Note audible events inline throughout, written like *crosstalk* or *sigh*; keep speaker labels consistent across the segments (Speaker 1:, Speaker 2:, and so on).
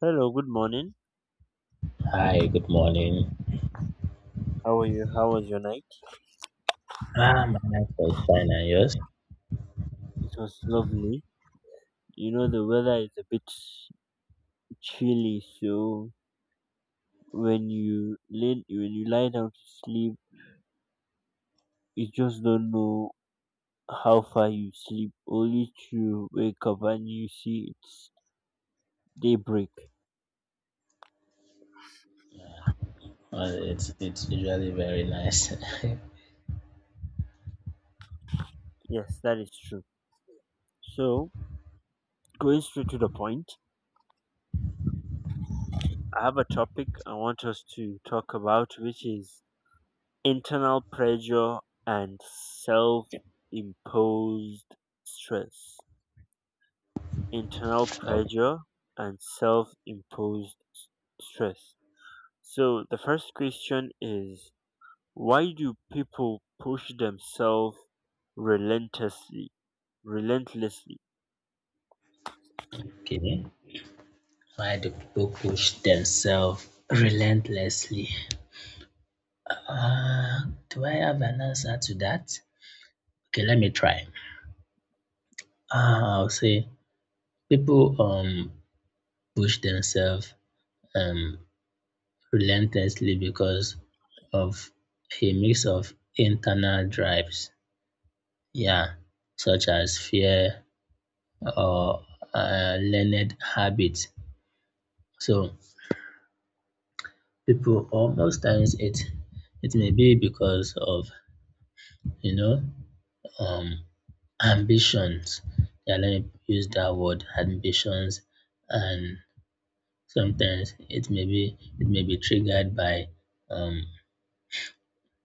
Speaker 1: Hello, good morning.
Speaker 2: Hi, good morning.
Speaker 1: How are you? How was your night?
Speaker 2: Ah, my night was fine, and yours?
Speaker 1: It was lovely. You know the weather is a bit chilly, so when you lie down to sleep, you just don't know how far you sleep. Only to wake up and you see it's daybreak.
Speaker 2: Well, it's usually very nice. *laughs*
Speaker 1: Yes, that is true. So going straight to the point, I have a topic I want us to talk about, which is internal pressure and self imposed stress. Internal
Speaker 2: Okay.
Speaker 1: pressure and self imposed stress. So, the first question is why do people push themselves relentlessly? Relentlessly.
Speaker 2: Why do people push themselves relentlessly? Uh, do I have an answer to that? Okay, let me try. I'll say people push themselves um relentlessly because of a mix of internal drives, yeah, such as fear, or learned habits. So people, or most times it may be because of you know um, ambitions. Yeah, let me use that word ambitions, and sometimes it may be triggered by um,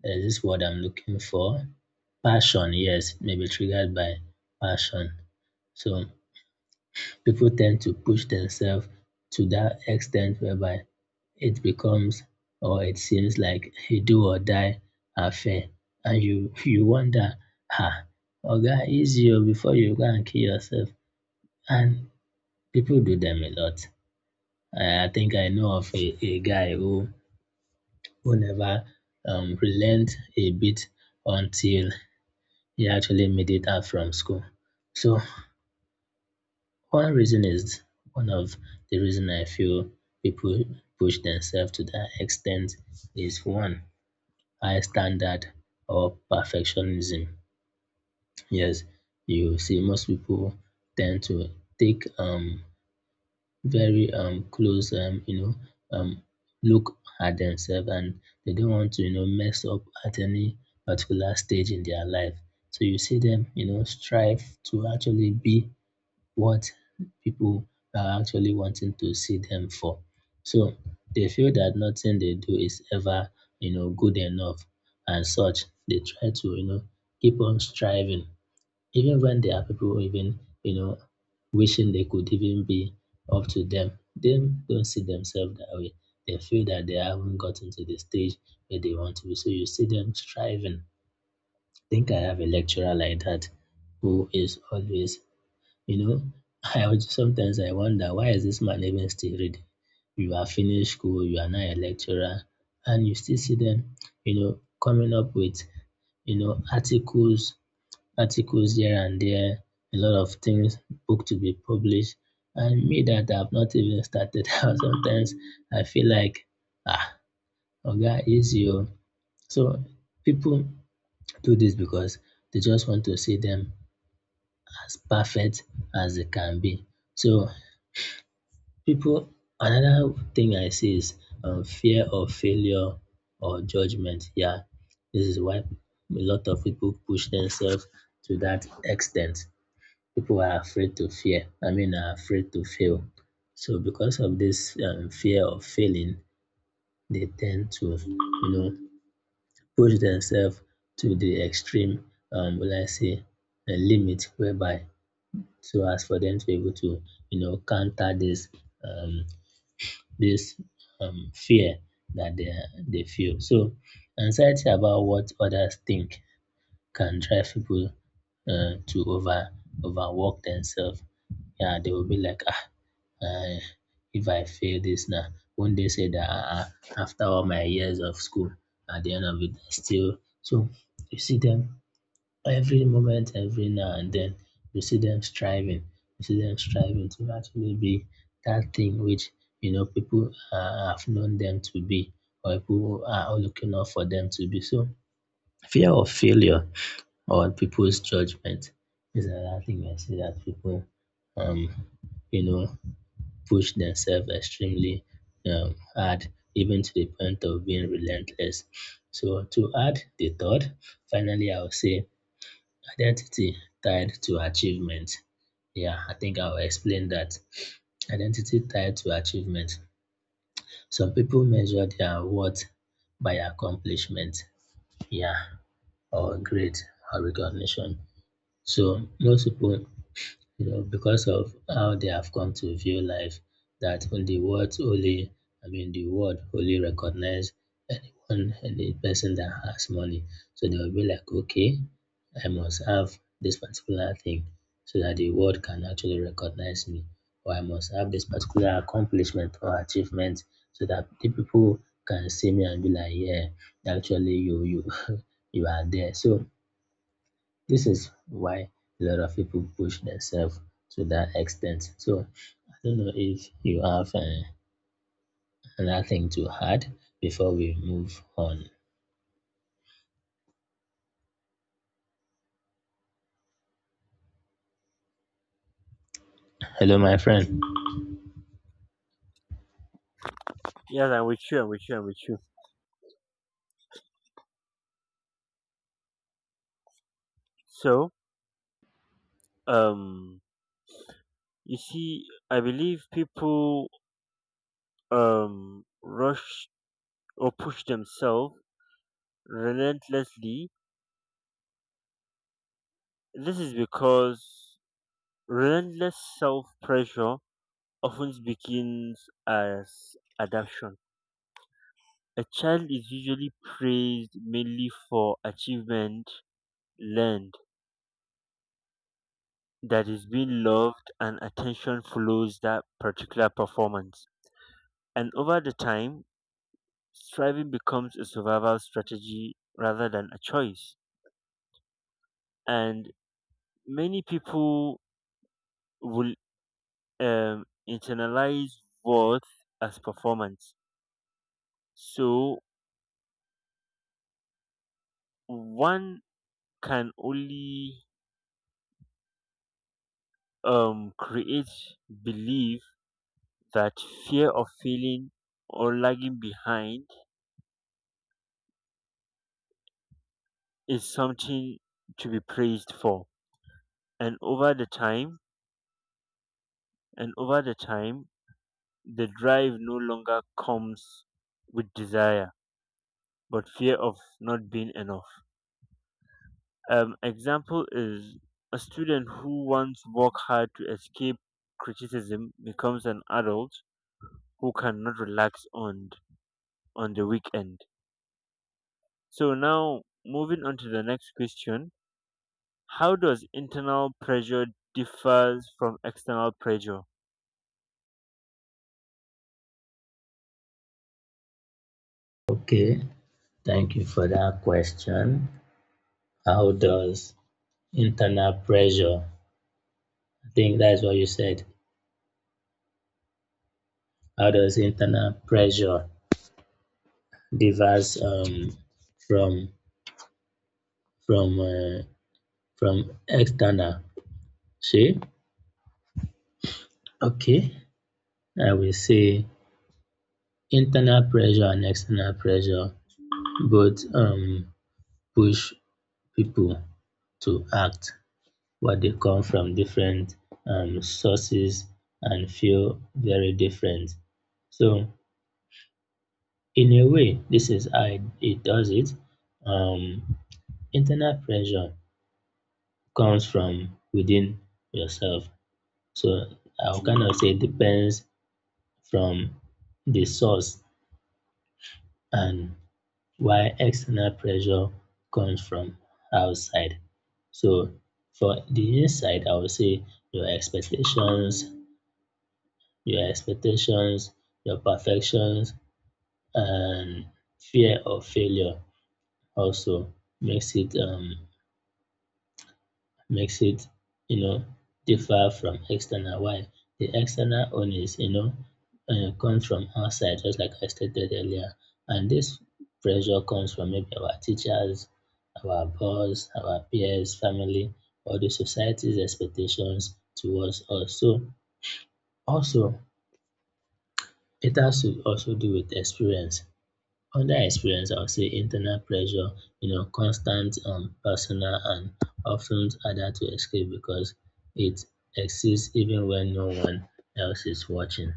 Speaker 2: there's this word I'm looking for, passion. Yes, it may be triggered by passion. So people tend to push themselves to that extent whereby it becomes, or it seems like a do or die affair. And you wonder, ah, Oga, easy oh, before you go and kill yourself. And people do them a lot. I think I know of a guy who never relent a bit until he actually made it out from school. So one reason is, one of the reason I feel people push themselves to that extent is one, high standard or perfectionism. Yes, you see, most people tend to take very close look at themselves, and they don't want to, you know, mess up at any particular stage in their life. So you see them, you know, strive to actually be what people are actually wanting to see them for. So they feel that nothing they do is ever, you know, good enough, and such. They try to, you know, keep on striving. Even when there are people even, you know, wishing they could even be up to them, they don't see themselves that way. They feel that they haven't gotten to the stage where they want to be. So you see them striving. Think I have a lecturer like that who is always, you know, *laughs* I also sometimes I wonder, why is this man even still reading? You are finished school, you are now a lecturer, and you still see them, you know, coming up with, you know, articles, articles here and there, a lot of things, book to be published. And me that I've not even started *laughs* out, sometimes I feel like, ah, Oga, easy. Oh." So people do this because they just want to see them as perfect as they can be. So people, another thing I see is fear of failure or judgment. Yeah, this is why a lot of people push themselves to that extent. People are afraid to fear. I mean, are afraid to fail. So because of this fear of failing, they tend to, you know, push themselves to the extreme. Will I say a limit whereby so as for them to be able to, you know, counter this um, this fear that they feel. So, anxiety about what others think can drive people to overwork themselves. Yeah, they will be like, ah, uh, if I fail this now, won't they say that after all my years of school, at the end of it, I still. So, you see them every moment, every now and then, you see them striving, you see them striving to actually be that thing which, you know, people have known them to be, or people are looking out for them to be. So, fear of failure or people's judgment is another thing I see that people, um, you know, push themselves extremely hard, even to the point of being relentless. So, to add the third, finally, I will say identity tied to achievement. Yeah, I think I'll explain that. Identity tied to achievement. Some people measure their worth by accomplishment, yeah, or grade or recognition. So most people, you know, because of how they have come to view life, that the world only, I mean, the world only recognize anyone, any person that has money. So they will be like, okay, I must have this particular thing so that the world can actually recognize me, or I must have this particular accomplishment or achievement so that the people can see me and be like, yeah, actually, you, *laughs* you are there. So this is why a lot of people push themselves to that extent. So I don't know if you have another thing to add before we move on. Hello, my friend.
Speaker 1: Yes, I'm with you, I'm with you, I'm with you. So, um, you see, I believe people rush or push themselves relentlessly. This is because relentless self pressure often begins as adaptation. A child is usually praised mainly for achievement learned, that is being loved, and attention follows that particular performance. And over the time, striving becomes a survival strategy rather than a choice. And many people will internalize worth as performance. So one can only create belief that fear of failing or lagging behind is something to be praised for. And over the time, and over the time, the drive no longer comes with desire, but fear of not being enough. Example is a student who once worked hard to escape criticism becomes an adult who cannot relax on the weekend. So now moving on to the next question, how does internal pressure differs from external pressure?
Speaker 2: Okay, thank you for that question. How does internal pressure? I think that's what you said. How does internal pressure differs from from uh, from external? See, okay, I will say internal pressure and external pressure both push people to act, but they come from different sources and feel very different. So, in a way, this is how it does it. Um, Internal pressure comes from within yourself. So, I would kind of say it depends from the source, and while external pressure comes from outside. So for the inside, I would say your expectations, your expectations, your perfections, and fear of failure also makes it um makes it, you know, differ from external. Why? The external owners, you know, come from outside, just like I stated earlier. And this pressure comes from maybe our teachers, our boss, our peers, family, or the society's expectations towards us. So also it has to also do with experience. Other experience, I would say internal pressure, you know, constant personal and often harder to escape because it exists even when no one else is watching.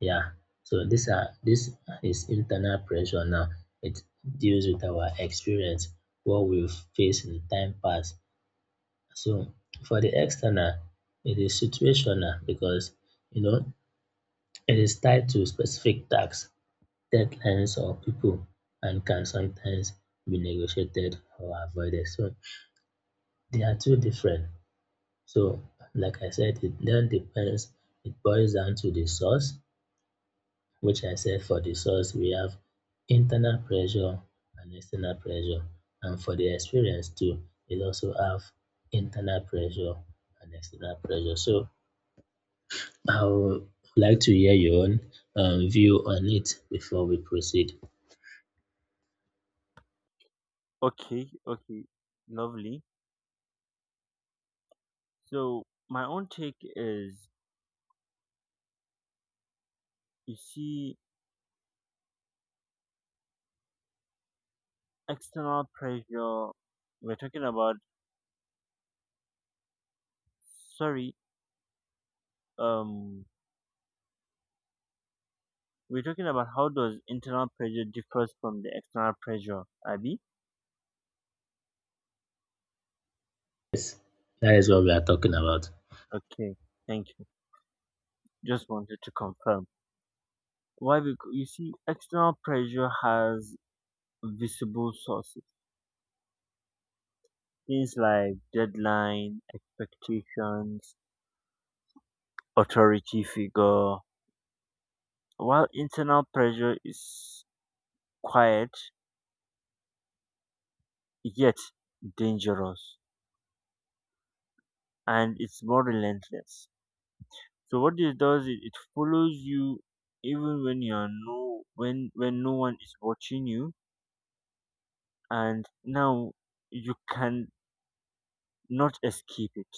Speaker 2: Yeah. So this are, this is internal pressure now. It deals with our experience, what we face in time past. So for the external, it is situational because, you know, it is tied to specific tasks, deadlines or people, and can sometimes be negotiated or avoided. So they are two different. So like I said, it then depends, it boils down to the source, which I said for the source we have internal pressure and external pressure. And for the experience too, it also have internal pressure and external pressure. So I would like to hear your own view on it before we proceed.
Speaker 1: Okay, okay, lovely. So my own take is you see external pressure we're talking about, sorry, um we're talking about how does internal pressure differs from the external pressure, Abby?
Speaker 2: Yes, that is what we are talking about.
Speaker 1: Okay, thank you. Just wanted to confirm. Why? Because you see external pressure has visible sources. Things like deadline, expectations, authority figure. While internal pressure is quiet, yet dangerous, and it's more relentless. So what it does is it follows you even when no one is watching you, and now you can not escape it.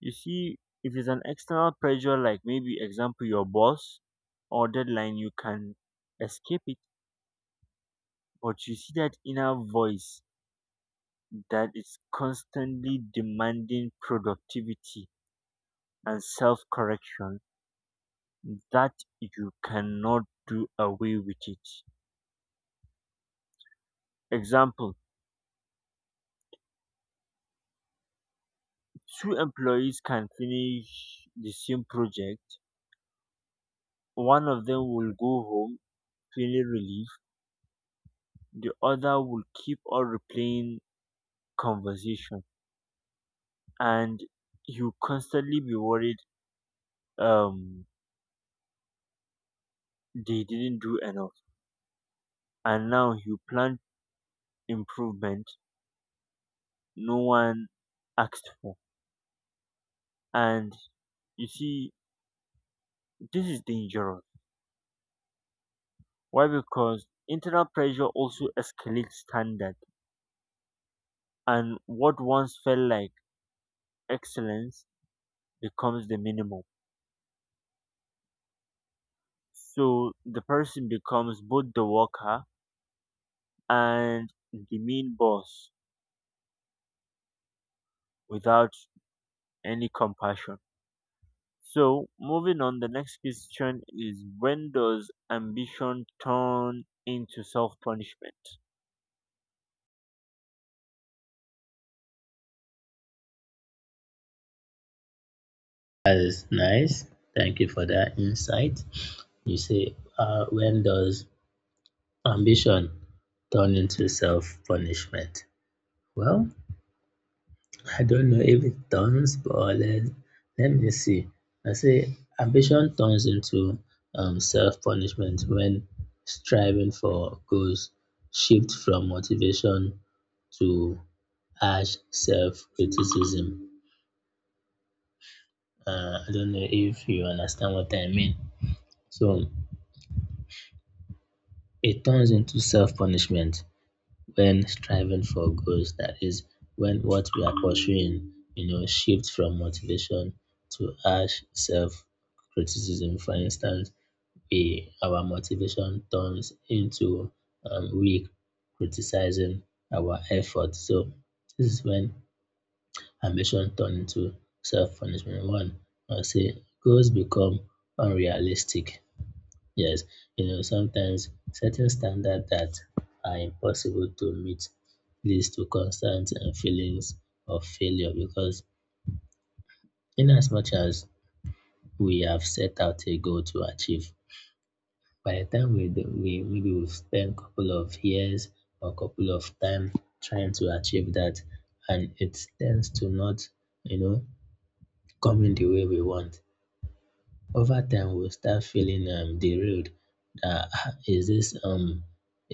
Speaker 1: You see, if it's an external pressure, like maybe example your boss or deadline, you can escape it. But you see that inner voice that is constantly demanding productivity and self correction, that you cannot do away with it. Example, two employees can finish the same project, one of them will go home feeling relief, the other will keep on replaying conversation, and you constantly be worried um, they didn't do enough. And now you plan improvement no one asked for. And you see, this is dangerous. Why? Because internal pressure also escalates standard, and what once felt like excellence becomes the minimum. So the person becomes both the worker and the mean boss without any compassion. So moving on, the next question is when does ambition turn into self punishment?
Speaker 2: That is nice. Thank you for that insight. You say, when does ambition turn into self punishment? Well, I don't know if it turns, but let me see. I say, ambition turns into self punishment when striving for goals shift from motivation to harsh self criticism. I don't know if you understand what I mean. So it turns into self punishment when striving for goals. That is, when what we are pursuing, you know, shifts from motivation to harsh self criticism. For instance, our motivation turns into weak criticizing our effort. So this is when ambition turns into self punishment. One, I say goals become unrealistic. Yes, you know, sometimes setting standards that are impossible to meet leads to constant feelings of failure because, in as much as we have set out a goal to achieve, by the time we maybe we spend a couple of years or couple of time trying to achieve that, and it tends to not, you know, coming the way we want. Over time we'll start feeling derailed that, "Ah,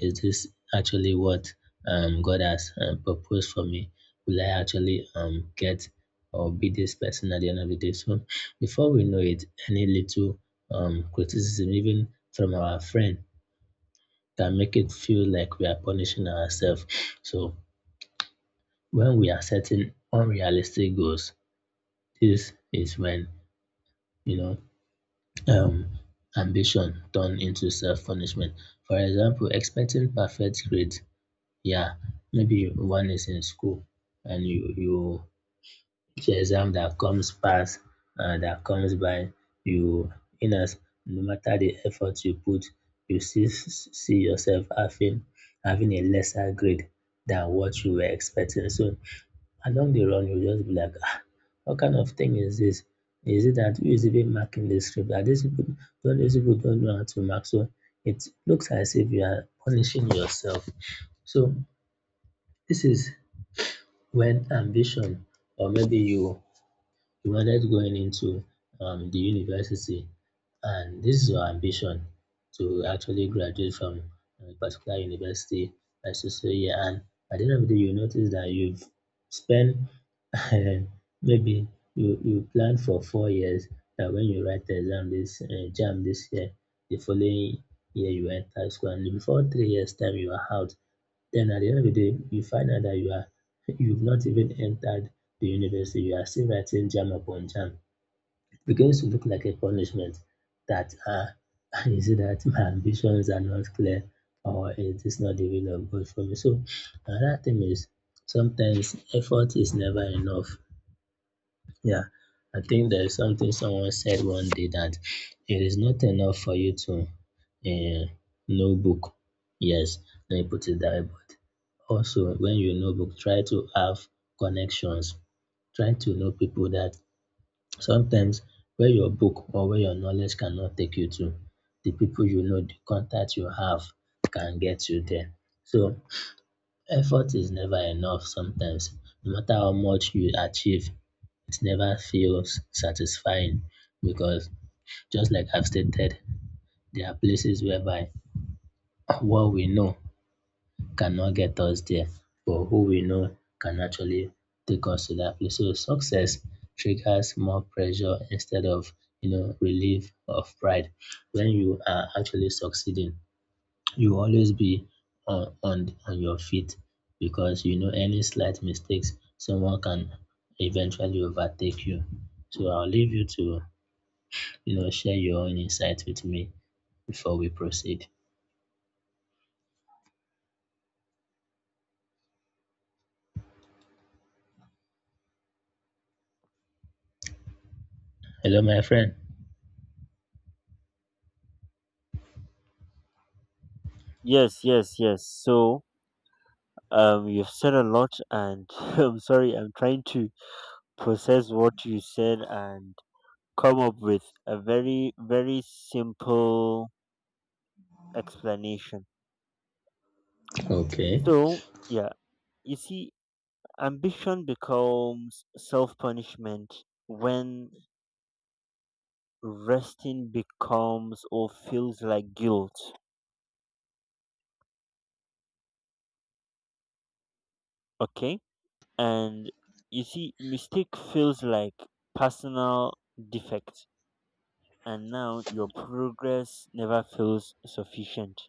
Speaker 2: is this actually what God has proposed for me? Will I actually get or be this person at the end of the day? So before we know it, any little criticism, even from our friend, can make it feel like we are punishing ourselves. So when we are setting unrealistic goals, this is when, you know, um, ambition turned into self-punishment. For example, expecting perfect grades. Yeah, maybe one is in school, and you, it's exam that comes pass that comes by you, in as no matter the effort you put, you see, see yourself having a lesser grade than what you were expecting. So along the run you'll just be like, ah, what kind of thing is this? Is it that who is even marking the script? That these people don't know how to mark. So it looks as if you are punishing yourself. So this is when ambition, or maybe you, you wanted going into the university, and this is your ambition to actually graduate from a particular university by so so year, and at the end of the day you notice that you've spent *laughs* maybe you, you plan for 4 years, that when you write the exam this jam this year, the following year you enter school and before 3 years time you are out, then at the end of the day you find out that you are, you've not even entered the university. You are still writing jam upon jam. It begins to look like a punishment that *laughs* is it that my ambitions are not clear or it is not the will of God for me. So another thing is sometimes effort is never enough. Yeah, I think there is something someone said one day that it is not enough for you to uh, know book. Yes, let me put it that way. But also, when you know book, try to have connections. Try to know people that sometimes where your book or where your knowledge cannot take you to, the people you know, the contact you have can get you there. So effort is never enough sometimes. No matter how much you achieve, it never feels satisfying because just like I've stated, there are places whereby what we know cannot get us there, but who we know can actually take us to that place. So success triggers more pressure instead of relief of pride. When you are actually succeeding, you will always be on your feet because you know any slight mistakes someone can eventually overtake you. So I'll leave you to, you know, share your own insights with me before we proceed. Hello, my friend.
Speaker 1: Yes, yes, yes. So you've said a lot, and *laughs* I'm sorry, I'm trying to process what you said and come up with a very, very simple explanation.
Speaker 2: Okay.
Speaker 1: So, yeah, you see, ambition becomes self punishment when resting becomes or feels like guilt, okay? And you see, mistake feels like personal defect and now your progress never feels sufficient.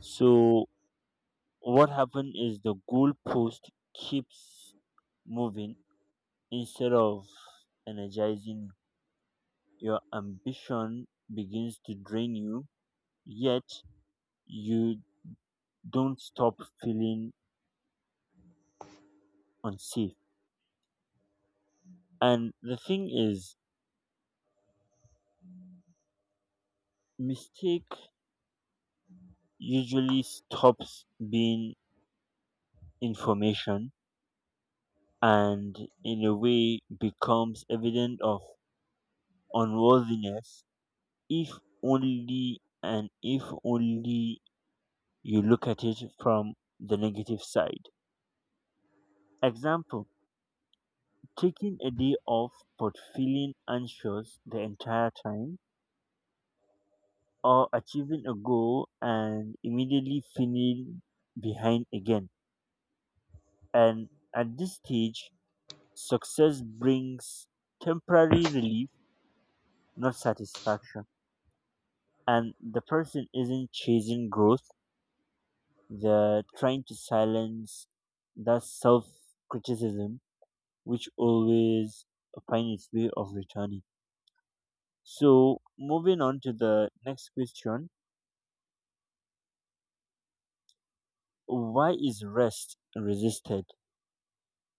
Speaker 1: So what happened is the goalpost keeps moving instead of energizing you. Your ambition begins to drain you, yet you don't stop feeling unsafe. And the thing is, mistake usually stops being information and in a way becomes evident of unworthiness if only and if only you look at it from the negative side. Example, taking a day off but feeling anxious the entire time, or achieving a goal and immediately feeling behind again. And at this stage, success brings temporary relief, not satisfaction. And the person isn't chasing growth. They're trying to silence that self criticism which always finds its way of returning. So, moving on to the next question, why is rest resisted?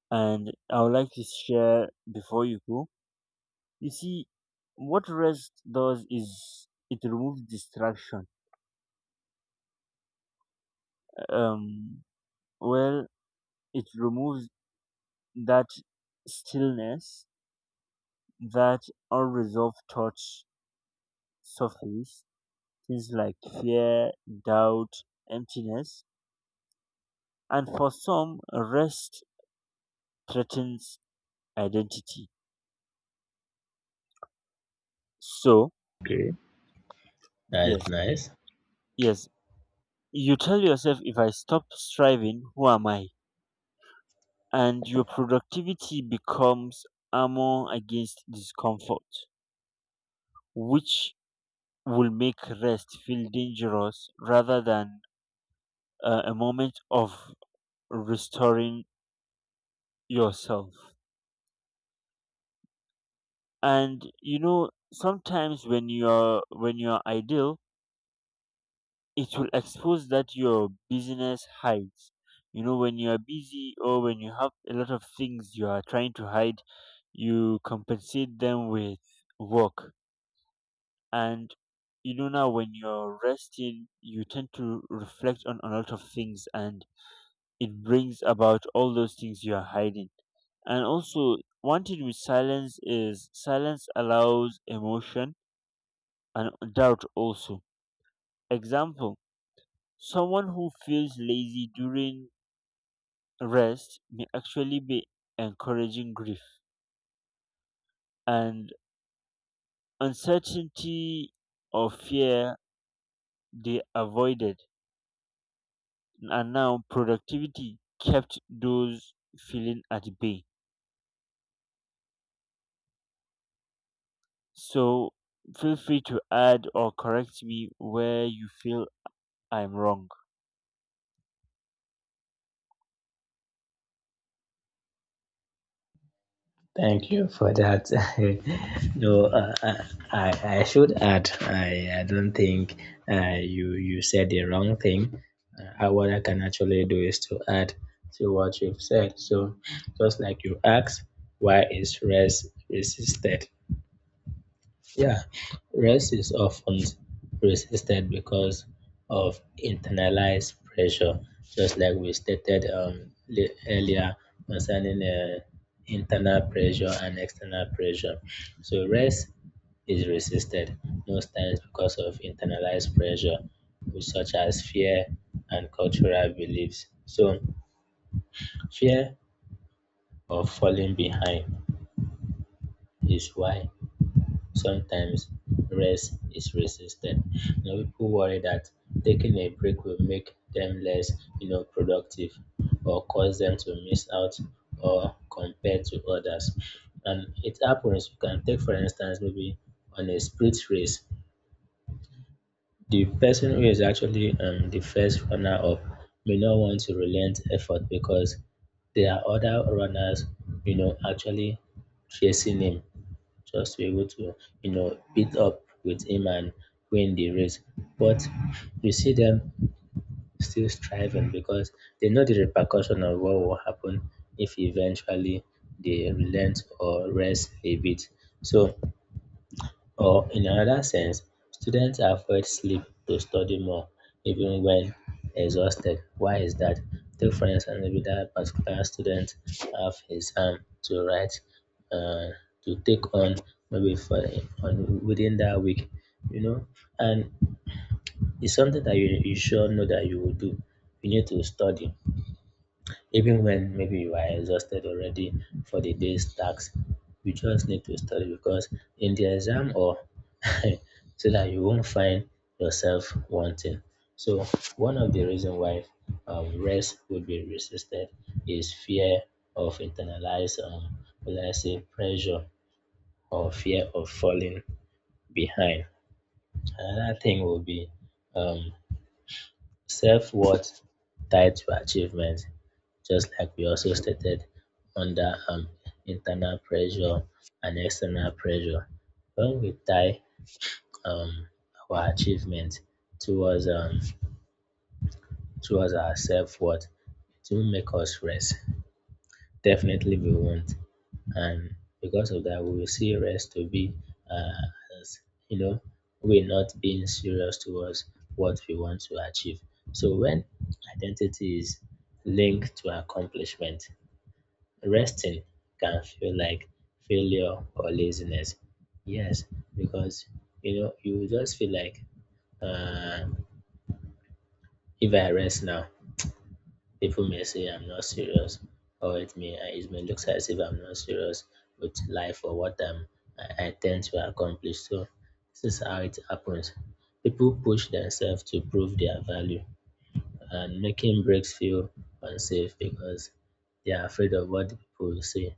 Speaker 1: And I would like to share before you go. You see, what rest does is it removes distraction. Um, well, it removes that stillness, that unresolved thoughts surface things like fear, doubt, emptiness, and for some, rest threatens identity. So,
Speaker 2: Okay.
Speaker 1: yes,
Speaker 2: That's nice.
Speaker 1: yes, you tell yourself, if I stop striving, who am I? And your productivity becomes armor against discomfort, which will make rest feel dangerous rather than a moment of restoring yourself. And you know, sometimes when you're ideal, it will expose that your busyness hides. You know, when you are busy or when you have a lot of things you are trying to hide, you compensate them with work. And you know, now when you're resting, you tend to reflect on a lot of things and it brings about all those things you are hiding. And also, one thing with silence is silence allows emotion and doubt also. Example, someone who feels lazy during rest may actually be encouraging grief and uncertainty or fear they avoided and now productivity kept those feeling at bay. So feel free to add or correct me where you feel I'm wrong.
Speaker 2: Thank you for that. *laughs* No, I should add, I don't think you said the wrong thing. What I can actually do is to add to what you've said. So, just like you asked, why is rest resisted? Yeah, rest is often resisted because of internalized pressure, just like we stated earlier concerning internal pressure and external pressure. So, rest is resisted most times because of internalized pressure, which such as fear and cultural beliefs. So, fear of falling behind is why sometimes rest is resisted. You know, people worry that taking a break will make them less, you know, productive, or cause them to miss out or compare to others. And it happens. You can take, for instance, maybe on a sprint race, the person who is actually the first runner up may not want to relent effort because there are other runners, you know, actually chasing him just to be able to, you know, beat up with him and win the race. But you see them still striving because they know the repercussion of what will happen if eventually they relent or rest a bit. So or in another sense, students avoid sleep to study more, even when exhausted. Why is that? Take for instance, maybe that particular student have exam to write, uh, to take on maybe for on within that week, you know, and it's something that you sure know that you will do. You need to study. Even when maybe you are exhausted already for the day's tasks, you just need to study because in the exam or *laughs* so that you won't find yourself wanting. So one of the reason why rest would be resisted is fear of internalized, will I say, pressure or fear of falling behind. Another thing will be um, self worth tied to achievement, just like we also stated, under internal pressure and external pressure. When we tie um, our achievement towards towards our self worth, it will make us rest. Definitely, we won't, and because of that, we will see rest to be as, you know, we're not being serious towards what we want to achieve. So when identity is linked to accomplishment, resting can feel like failure or laziness. Yes, because you know you will just feel like uh, if I rest now, people may say I'm not serious, or it may look as if I'm not serious with life or what I'm I intend to accomplish. So this is how it happens. People push themselves to prove their value, and making breaks feel unsafe because they are afraid of what people will say,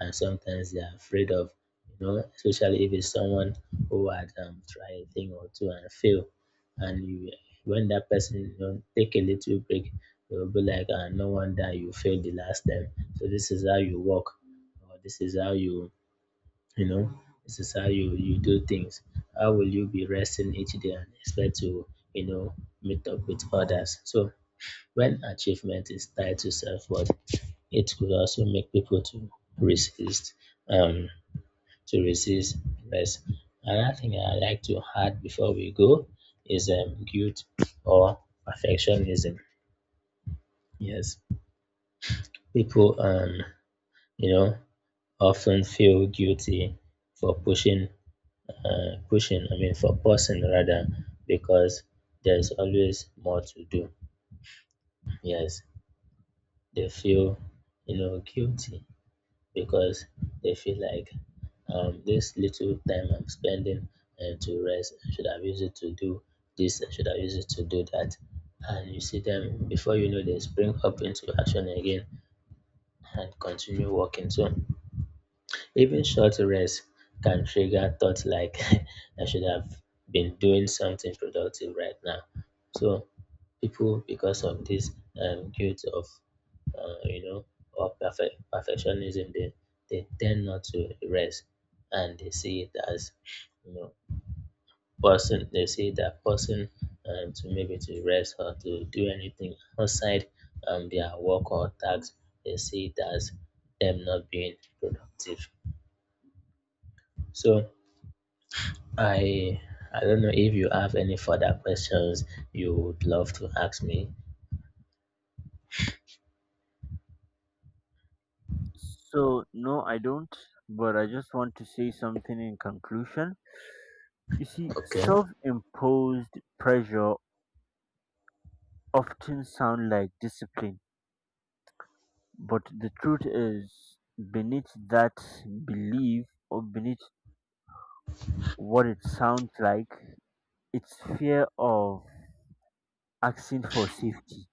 Speaker 2: and sometimes they are afraid of, you know, especially if it's someone who had tried a thing or two and failed. And you, when that person, you know, take a little break, they will be like, ah, no wonder you failed the last time. So this is how you work, or this is how you, you know, this is how you do things. How will you be resting each day and expect to, you know, meet up with others? So when achievement is tied to self-worth, it could also make people resist, um, to resist less. Another thing I like to add before we go is guilt or perfectionism. Yes, people, you know, often feel guilty for pushing. I mean, for pausing rather, because there's always more to do. Yes, they feel, you know, guilty because they feel like this little time I'm spending to rest, I should have used it to do this, I should have used it to do that. And you see them before you know they spring up into action again and continue working. So even short rest can trigger thoughts like *laughs* I should have been doing something productive right now. So people, because of this guilt of you know, or perfectionism, they tend not to rest, and they see it as, you know, person they see that person, to maybe to rest or to do anything outside their work or tasks, they see it as them not being productive. So I I don't know if you have any further questions you would love to ask me.
Speaker 1: So no, I don't, but I just want to say something in conclusion. You see
Speaker 2: Okay.
Speaker 1: self-imposed pressure often sound like discipline. But the truth is, beneath that belief or beneath what it sounds like, it's fear of asking for safety.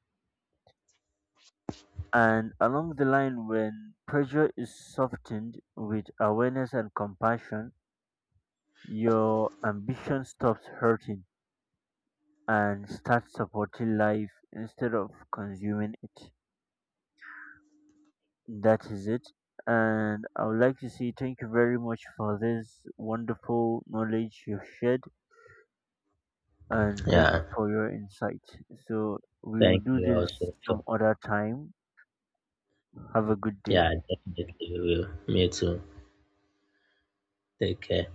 Speaker 1: And along the line, when pressure is softened with awareness and compassion, your ambition stops hurting and starts supporting life instead of consuming it. That is it. And I would like to say thank you very much for this wonderful knowledge you've shared. And thank you
Speaker 2: Yeah.
Speaker 1: for your insight. So we will
Speaker 2: Thank
Speaker 1: do
Speaker 2: you
Speaker 1: this
Speaker 2: also for
Speaker 1: some other time. Have a good day.
Speaker 2: yeah, definitely will. Me too. Take care.